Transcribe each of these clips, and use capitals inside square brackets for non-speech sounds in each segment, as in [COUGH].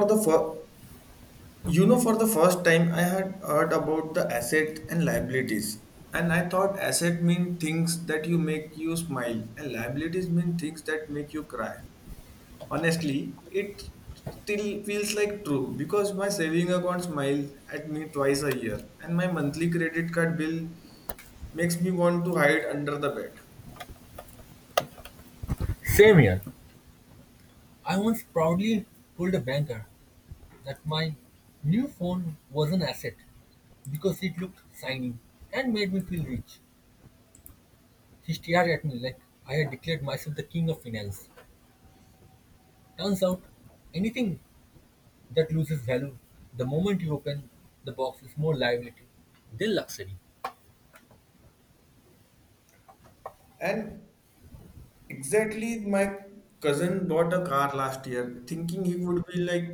For the fir- for the first time, I had heard about the asset and liabilities, and I thought asset mean things that you make you smile, and liabilities mean things that make you cry. Honestly, it still feels like true because my saving account smiles at me twice a year, and my monthly credit card bill makes me want to hide under the bed. Same year, I once proudly told a banker that my new phone was an asset because it looked shiny and made me feel rich. He stared at me like I had declared myself the king of finance. Turns out, anything that loses value the moment you open the box is more liability than luxury. And exactly, my cousin bought a car last year, thinking he would be like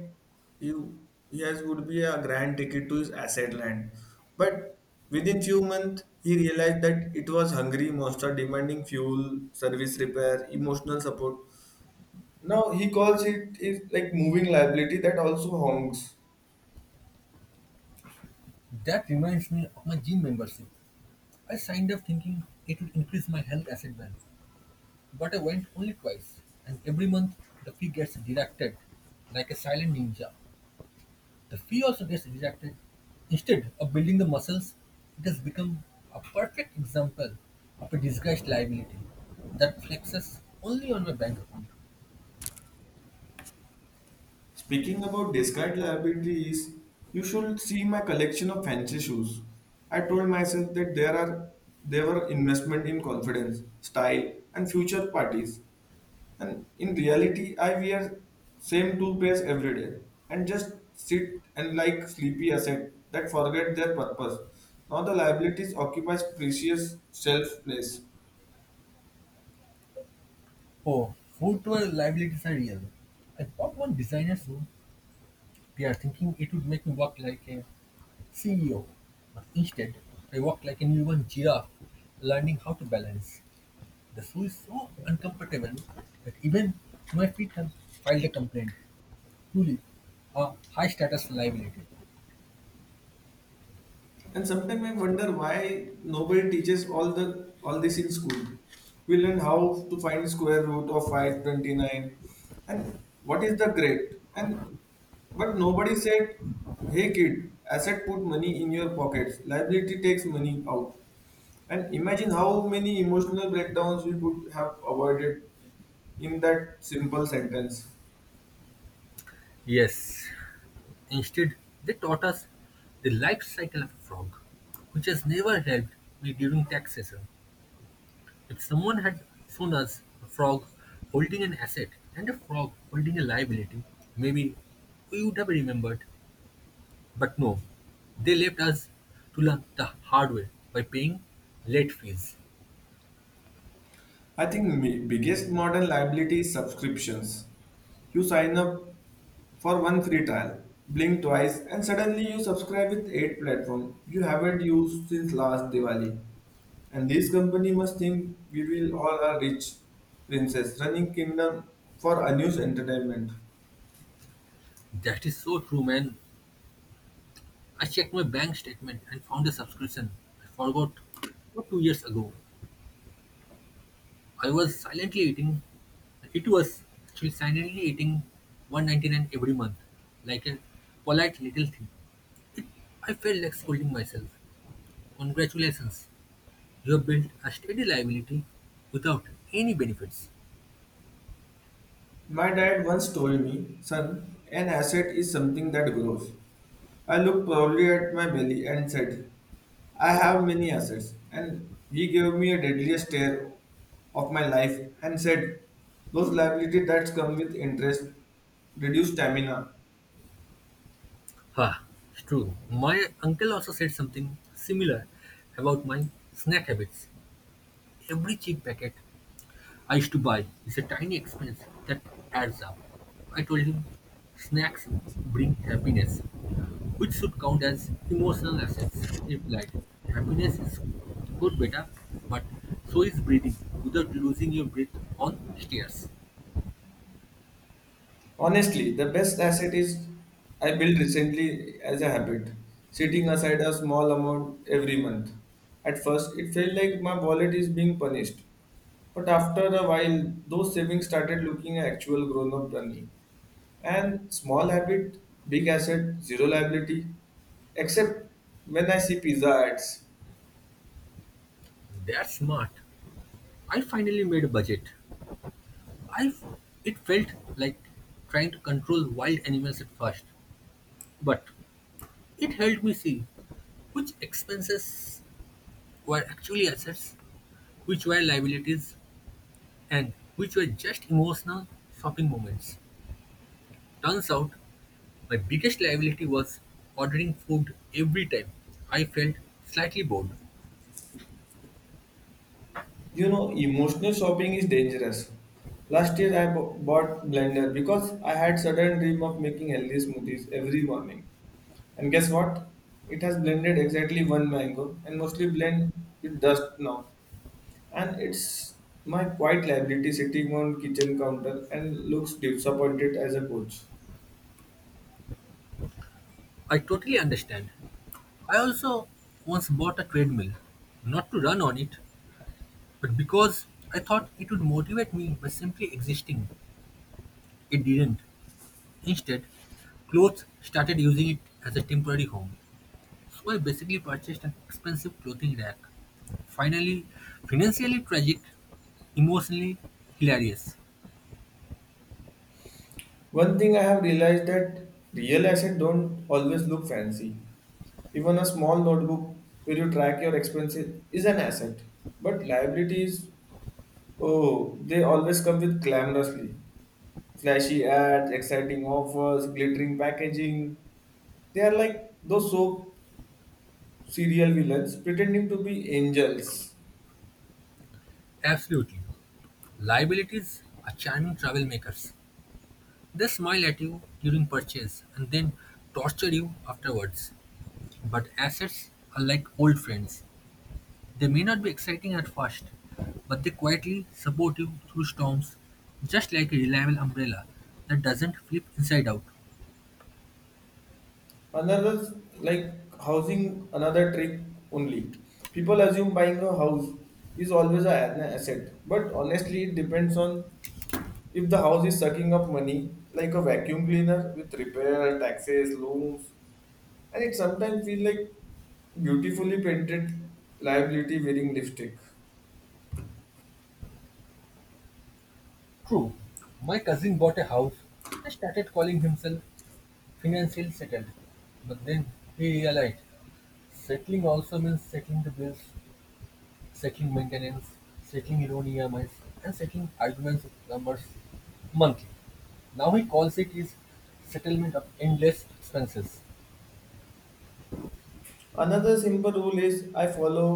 you. He has would be a grand ticket to his asset land, but within few months he realized that it was hungry monster demanding fuel, service repair, emotional support. Now he calls it is like moving liability that also honks. That reminds me of my gym membership. I signed up thinking it would increase my health asset value. But I went only twice, and every month the fee gets deducted like a silent ninja. The fee also gets deducted. Instead of building the muscles, it has become a perfect example of a disguised liability that flexes only on my bank account. Speaking about discard liabilities, you should see my collection of fancy shoes. I told myself that there are they were investment in confidence, style, and future parties. And in reality, I wear same two pairs every day and just sit and like sleepy asset that forget their purpose. Now the liabilities occupies precious shelf place. Oh, footwear liabilities are real. I bought one designer shoe. They are thinking it would make me walk like a CEO. But instead, I walk like a newborn giraffe learning how to balance. The shoe is so uncomfortable that even my feet have filed a complaint. Truly, a high status liability. And sometimes I wonder why nobody teaches all this in school. We learn how to find square root of 529 and what is the grade. And but nobody said, hey kid, asset put money in your pockets, liability takes money out. And imagine how many emotional breakdowns we would have avoided in that simple sentence. Yes. Instead, they taught us the life cycle of a frog, which has never helped me during tax season. If someone had shown us a frog holding an asset and a frog holding a liability, maybe we would have remembered. But no, they left us to learn the hard way by paying late fees. I think my biggest modern liability is subscriptions you sign up for one free trial. Blink twice and suddenly you subscribe with 8 platforms you haven't used since last Diwali. And this company must think we will all are rich princess running kingdom for unused entertainment. That is so true, man. I checked my bank statement and found a subscription I forgot about 2 years ago. I was silently eating, it was actually silently eating 199 every month, like a polite little thing. It, I felt like scolding myself. Congratulations, you have built a steady liability without any benefits. My dad once told me, son, an asset is something that grows. I looked proudly at my belly and said, I have many assets. And he gave me a deadly stare of my life and said, those liabilities that come with interest reduce stamina. Ha, it's true. My uncle also said something similar about my snack habits. Every cheap packet I used to buy. It's a tiny expense that adds up. I told him snacks bring happiness, which should count as emotional assets. He replied, happiness is good, beta, but so is breathing without losing your breath on stairs. Honestly, the best asset is I built recently as a habit, setting aside a small amount every month. At first, it felt like my wallet is being punished, but after a while, those savings started looking at actual grown up money. And small habit, big asset, zero liability. Except when I see pizza ads. That's smart. I finally made a budget. I f- it felt like trying to control wild animals at first, but it helped me see which expenses were actually assets, which were liabilities, and which were just emotional shopping moments. Turns out, my biggest liability was ordering food every time I felt slightly bored. You know, emotional shopping is dangerous. Last year I bought blender because I had sudden dream of making healthy smoothies every morning. And guess what? It has blended exactly one mango and mostly blend with dust now. And it's my quiet liability sitting on kitchen counter and looks disappointed as a coach. I totally understand. I also once bought a treadmill, not to run on it, but because I thought it would motivate me by simply existing. It didn't. Instead, clothes started using it as a temporary home. So I basically purchased an expensive clothing rack. Finally, financially tragic, emotionally hilarious. One thing I have realized that real assets don't always look fancy. Even a small notebook where you track your expenses is an asset. But liabilities, oh, they always come with glamorously. Flashy ads, exciting offers, glittering packaging. They are like those soap serial villains pretending to be angels. Absolutely. Liabilities are charming travel makers. They smile at you during purchase and then torture you afterwards. But assets are like old friends. They may not be exciting at first, but they quietly support you through storms, just like a reliable umbrella that doesn't flip inside out. Another like housing another trick only people assume buying a house is always an asset, but honestly it depends on if the house is sucking up money like a vacuum cleaner with repair taxes loans, and it sometimes feels like beautifully painted liability wearing lipstick. True, my cousin bought a house and started calling himself financially settled. But then he realized settling also means settling the bills, settling maintenance, settling loan EMIs, and settling arguments with numbers monthly. Now he calls it his settlement of endless expenses. Another simple rule is I follow,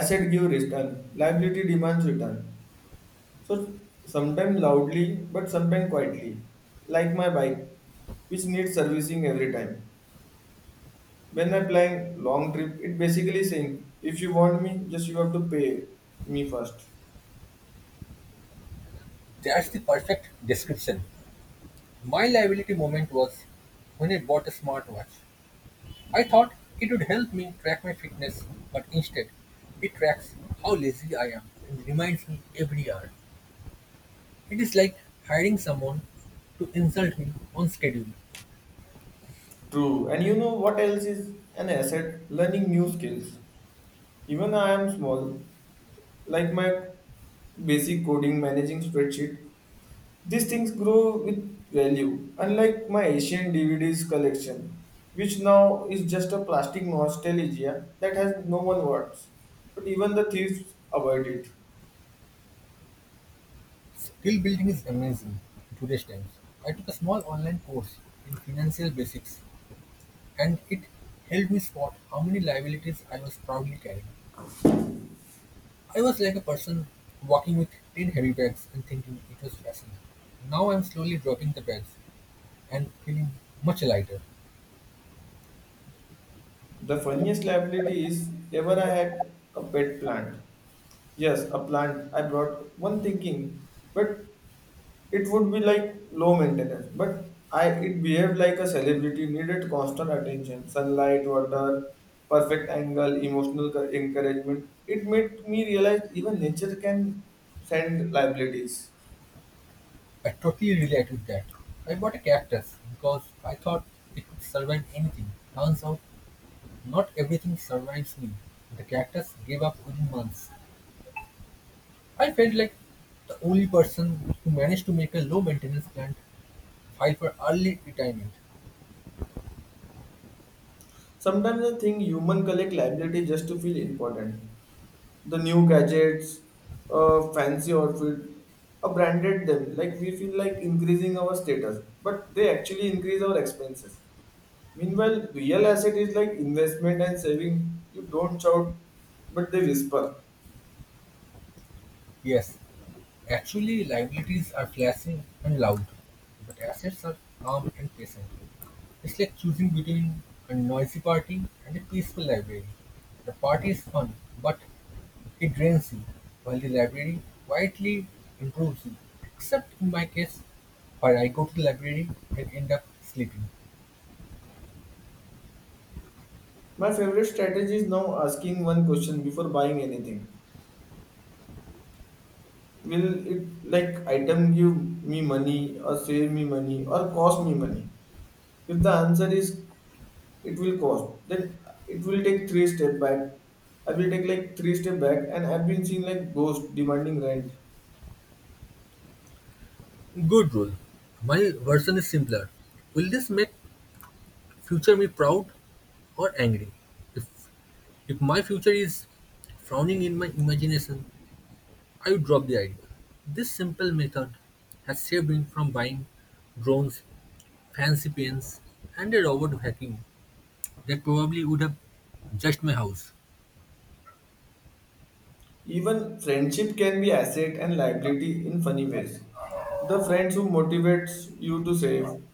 asset give return, liability demands return. So sometimes loudly, but sometimes quietly, like my bike, which needs servicing every time. When I plan long trip, it basically saying, if you want me, just you have to pay me first. That's the perfect description. My liability moment was when I bought a smartwatch. I thought it would help me track my fitness, but instead, it tracks how lazy I am and reminds me every hour. It is like hiring someone to insult me on schedule. True. And you know what else is an asset? Learning new skills. Even I am small, like my basic coding, managing spreadsheet, these things grow with value, unlike my Asian DVDs collection, which now is just a plastic nostalgia that has no one wants. But even the thieves avoid it. Skill building is amazing in today's times. I took a small online course in financial basics and it helped me spot how many liabilities I was proudly carrying. I was like a person walking with 10 heavy bags and thinking it was fascinating. Now I'm slowly dropping the bags and feeling much lighter. The funniest liability is ever I had a pet plant. Yes, a plant I brought one thinking, but it would be like low maintenance, but I it behaved like a celebrity needed constant attention, sunlight, water, perfect angle, emotional encouragement. It made me realize even nature can send liabilities. I totally relate with that. I bought a cactus because I thought it would survive anything. Turns out, not everything survives me. The cactus gave up within months. I felt like the only person who managed to make a low maintenance plant file for early retirement. Sometimes I think human collect liability just to feel important. The new gadgets, fancy outfit, branded them like we feel like increasing our status, but they actually increase our expenses. Meanwhile, real asset is like investment and saving. You don't shout, but they whisper. Yes, actually liabilities are flashy and loud, but assets are calm and patient. It's like choosing between a noisy party and a peaceful library. The party is fun, but it drains you, while the library quietly improves you. Except in my case, where I go to the library and end up sleeping. My favorite strategy is now asking one question before buying anything. Will it like item give me money or save me money or cost me money? If the answer is it will cost, then it will take three step back. I will take like three step back and I've been seeing like ghost demanding rent. Good rule. My version is simpler. Will this make future me proud or angry? If If my future is frowning in my imagination, I would drop the idea. This simple method has saved me from buying drones, fancy pens, and a robot vacuum that probably would have judged my house. Even friendship can be asset and liability in funny ways. The friend who motivates you to save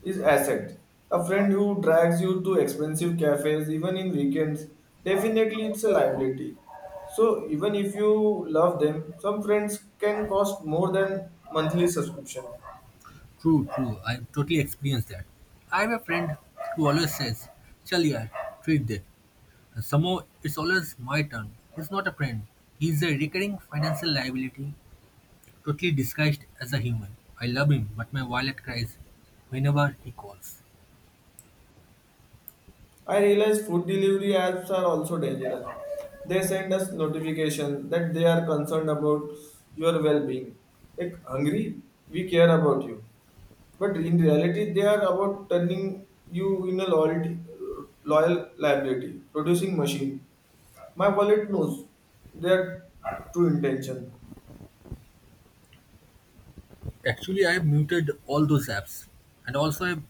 is asset. A friend who drags you to expensive cafes even in weekends, definitely it's a liability. So even if you love them, some friends can cost more than monthly subscription. True, true, I've totally experienced that. I have a friend who always says, chal yaar, treat de. And somehow it's always my turn. He's not a friend, he's a recurring financial liability, totally disguised as a human. I love him, but my wallet cries whenever he calls. I realize food delivery apps are also dangerous. They send us notifications that they are concerned about your well-being. Like hungry, we care about you. But in reality, they are about turning you in a loyalty, loyal liability, producing machine. My wallet knows their true intention. Actually, I have muted all those apps and also I have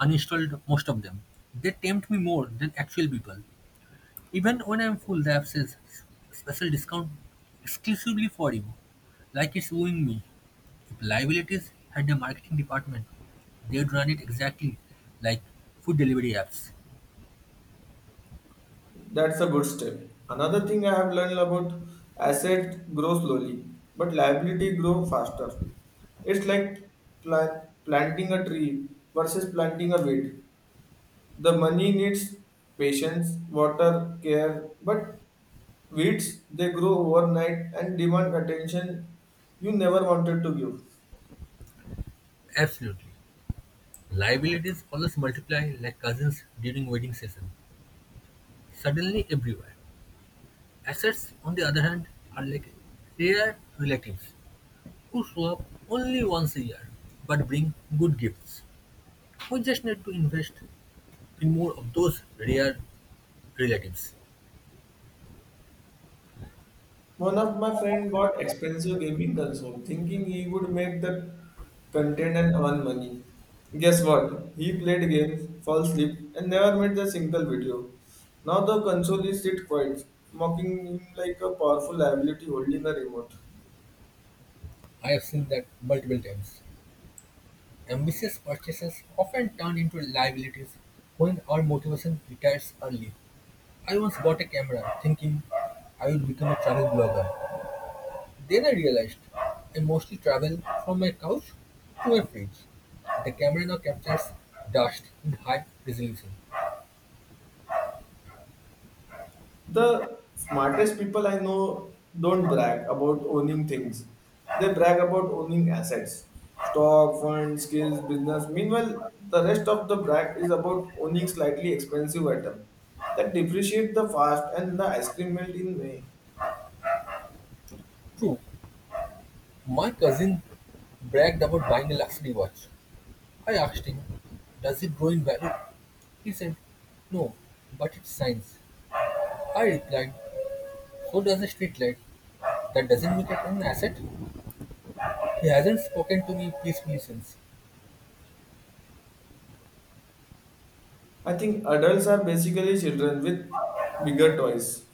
uninstalled most of them. They tempt me more than actual people. Even when I'm full, the app says special discount exclusively for you, like it's wooing me. If liabilities had a marketing department, they'd run it exactly like food delivery apps. That's a good step. Another thing I have learned about, asset grow slowly, but liability grow faster. It's like planting a tree versus planting a weed. The money needs patience, water, care, but weeds they grow overnight and demand attention you never wanted to give. Absolutely. Liabilities always multiply like cousins during wedding season. Suddenly everywhere. Assets, on the other hand, are like rare relatives who show up only once a year but bring good gifts. We just need to invest in more of those rare relatives. One of my friend bought expensive gaming console, thinking he would make the content and earn money. Guess what? He played games, fell asleep, and never made a single video. Now the console is sit quiet, mocking him like a powerful liability holding a remote. I have seen that multiple times. Ambitious purchases often turn into liabilities when our motivation retires early. I once bought a camera thinking I would become a travel blogger. Then I realized I mostly travel from my couch to my fridge. The camera now captures dust in high resolution. The smartest people I know don't brag about owning things. They brag about owning assets, stock, funds, skills, business. Meanwhile, the rest of the brag is about owning slightly expensive item that depreciate the fast and the ice cream melt in May. True, my cousin bragged about buying a luxury watch. I asked him, does it grow in value? He said, no, but it's science. I replied, so does a street light. That doesn't make it an asset. He hasn't spoken to me peacefully since. I think adults are basically children with bigger toys,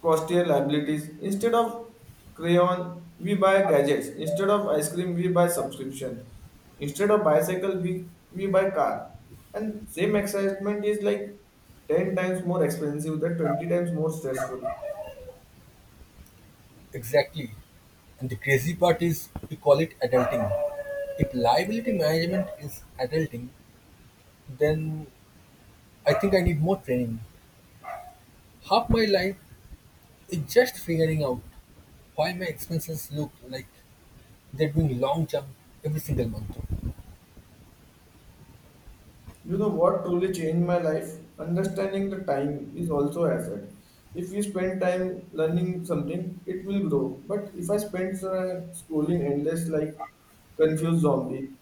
costlier liabilities. Instead of crayon, we buy gadgets. Instead of ice cream, we buy subscription. Instead of bicycle, we buy car. And same excitement is like 10 times more expensive, that 20 times more stressful. Exactly. And the crazy part is we call it adulting. If liability management is adulting, then I think I need more training. Half my life is just figuring out why my expenses look like they're doing long jump every single month. You know what truly changed my life? Understanding the time is also asset. If you spend time learning something, it will grow. But if I spend scrolling endless like confused zombie,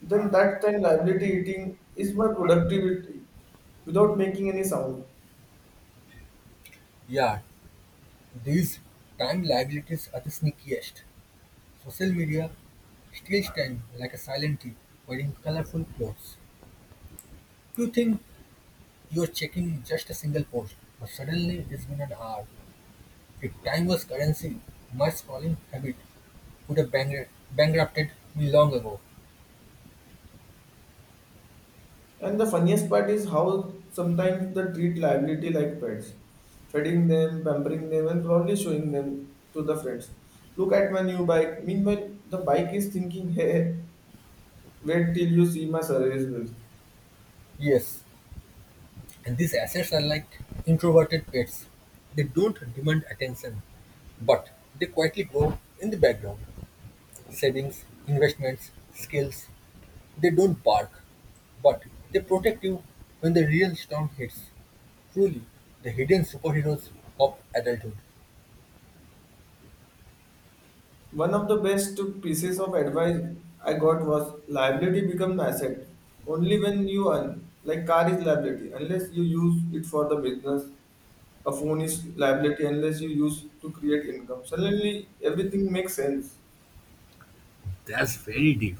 then that time liability eating is my productivity without making any sound. Yeah, these time liabilities are the sneakiest. Social media steals time like a silent thief wearing colorful clothes. You think you're checking just a single post, but suddenly it's been an hour. If time was currency, my scrolling habit would have bankrupted me long ago. And the funniest part is how sometimes they treat liability like pets, feeding them, pampering them, and probably showing them to the friends. Look at my new bike. Meanwhile, the bike is thinking, [LAUGHS] hey, wait till you see my service bills. Yes, and these assets are like introverted pets. They don't demand attention, but they quietly grow in the background. Savings, investments, skills, they don't bark, but they protect you when the real storm hits. Truly, the hidden superheroes of adulthood. One of the best pieces of advice I got was liability becomes asset only when you earn. Like car is liability unless you use it for the business. A phone is liability unless you use to create income. Suddenly everything makes sense. That's very deep.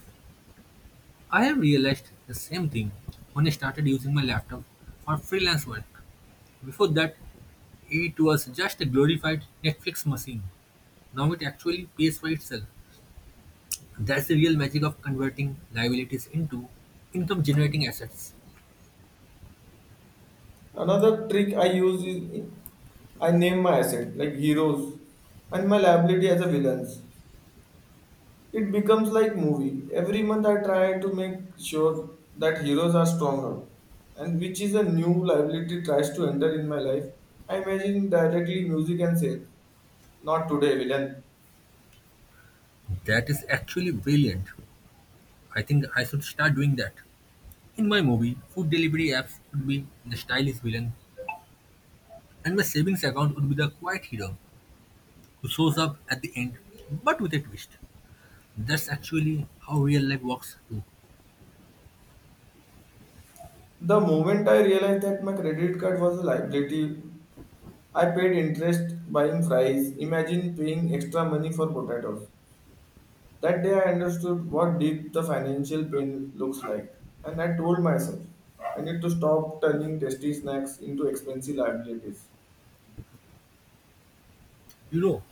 I have realized the same thing when I started using my laptop for freelance work. Before that, it was just a glorified Netflix machine. Now it actually pays for itself. That's the real magic of converting liabilities into income generating assets. Another trick I use is I name my asset like heroes and my liability as a villains. It becomes like movie. Every month I try to make sure that heroes are stronger, and which is a new liability tries to enter in my life. I imagine directly music and say, "Not today, villain." That is actually brilliant. I think I should start doing that. In my movie, food delivery apps would be the stylish villain, and my savings account would be the quiet hero who shows up at the end but with a twist. That's actually how real life works too. The moment I realized that my credit card was a liability, I paid interest buying fries. Imagine paying extra money for potatoes. That day I understood what deep the financial pain looks like, and I told myself I need to stop turning tasty snacks into expensive liabilities. You know,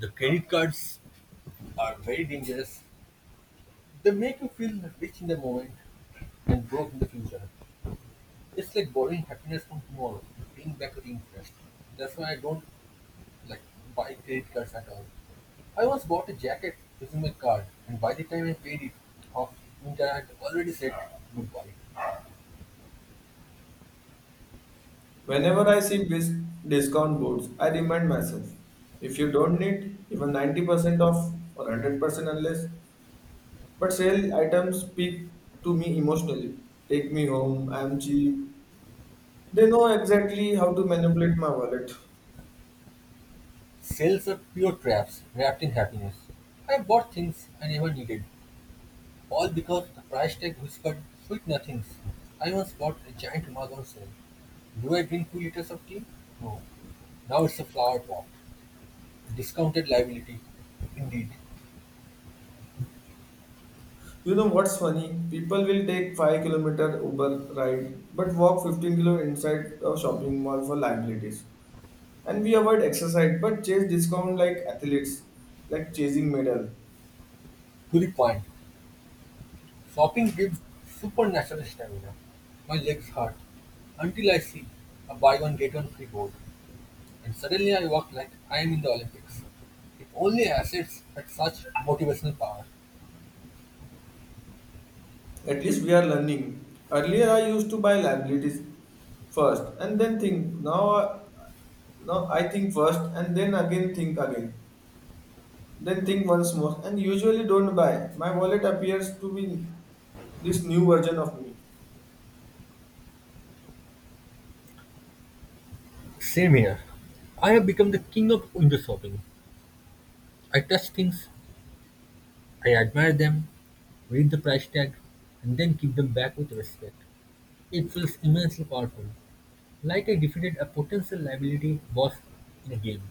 the credit cards are very dangerous. They make you feel rich in the moment and broke in the future. It's like borrowing happiness from tomorrow to paying back the interest. That's why I don't like buy credit cards at all. I once bought a jacket using my card, and by the time I paid it off, I had already said goodbye. Whenever I see discount boards, I remind myself if you don't need even 90% off or 100% unless, but sale items speak to me emotionally. Take me home, I am cheap. They know exactly how to manipulate my wallet. Sales are pure traps wrapped in happiness. I bought things I never needed, all because the price tag whispered sweet nothings. I once bought a giant mug on sale. Do I drink 2 liters of tea? No. Now it's a flower pot. Discounted liability, indeed. You know what's funny? People will take 5-kilometer Uber ride but walk 15-kilo inside a shopping mall for liabilities. And we avoid exercise but chase discount like athletes, like chasing medal. To the point, shopping gives supernatural stamina. My legs hurt until I see a buy one get one free board, and suddenly I walk like I am in the Olympics. If only assets had such motivational power. At least we are learning. Earlier, I used to buy liabilities first and then think. Now I think first and then again think again, then think once more, and usually don't buy. My wallet appears to be this new version of me. Same here. I have become the king of window shopping. I touch things, I admire them, read the price tag, and then give them back with respect. It feels immensely powerful, like I defeated a potential liability boss in a game.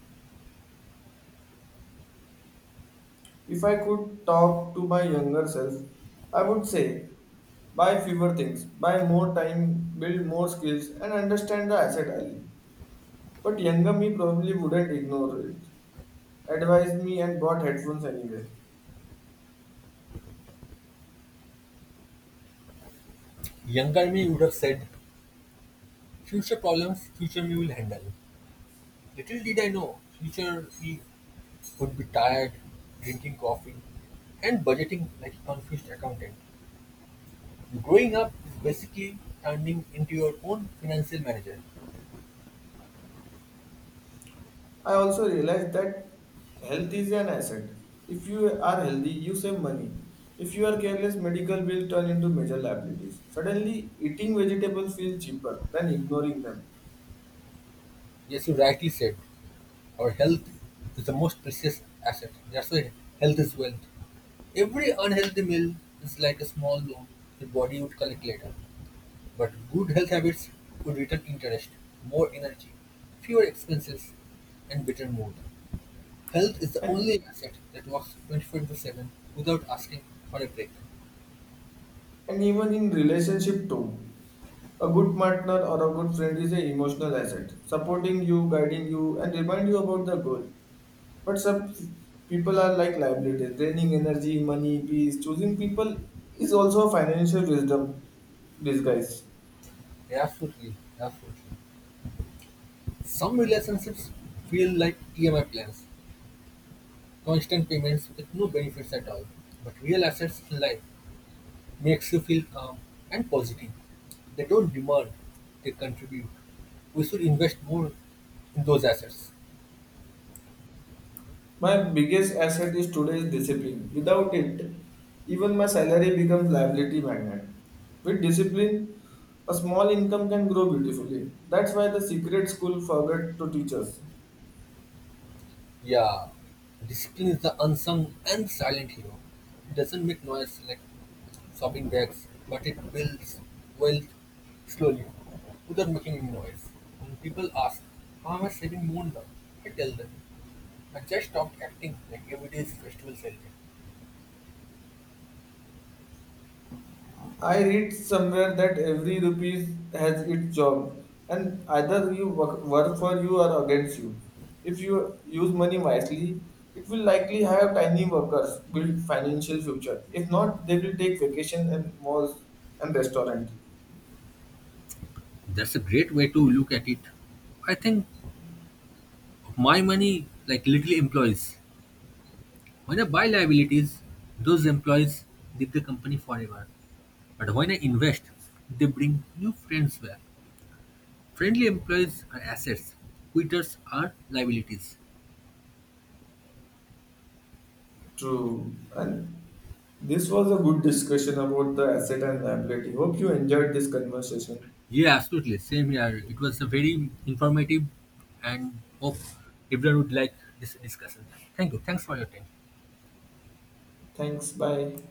If I could talk to my younger self, I would say buy fewer things, buy more time, build more skills, and understand the asset early. But younger me probably wouldn't ignore it, advise me, and bought headphones anyway. Younger me would have said, future problems, future me will handle. Little did I know, future me would be tired, drinking coffee, and budgeting like a confused accountant. Growing up is basically turning into your own financial manager. I also realized that health is an asset. If you are healthy, you save money. If you are careless, medical bills turn into major liabilities. Suddenly, eating vegetables feels cheaper than ignoring them. Yes, you rightly said. Our health is the most precious asset. That's why health is wealth. Every unhealthy meal is like a small loan the body would collect later. But good health habits would return interest, more energy, fewer expenses, and better mood. Health is the only And, asset that works 24 into 7 without asking for a break. and even in relationship too, a good partner or a good friend is an emotional asset, supporting you, guiding you, and remind you about the goal. But some people are like liabilities, draining energy, money, peace. Choosing people is also a financial wisdom disguise. Absolutely, absolutely. Some relationships feel like EMI plans, constant payments with no benefits at all. But real assets in life makes you feel calm and positive. They don't demand, they contribute. We should invest more in those assets. My biggest asset is today's discipline. Without it, even my salary becomes liability magnet. With discipline, a small income can grow beautifully. That's why the secret school forgot to teach us. Yeah, discipline is the unsung and silent hero. It doesn't make noise like shopping bags, but it builds wealth slowly without making any noise. When people ask, how am I saving more now? I tell them, I just stopped acting like every day is festival celebration. I read somewhere that every rupee has its job, and either you work for you or against you. If you use money wisely, it will likely have tiny workers build financial future. If not, they will take vacation and malls and restaurant. That's a great way to look at it. I think my money like literally employees. When I buy liabilities, those employees leave the company forever, but when I invest, they bring new friends back. Friendly employees are assets, quitters are liabilities. True. And this was a good discussion about the asset and liability. Hope you enjoyed this conversation. Yeah, absolutely, same here. It was a very informative, and hope everyone would like this discussion. Thank you, thanks for your time. Thanks. Bye.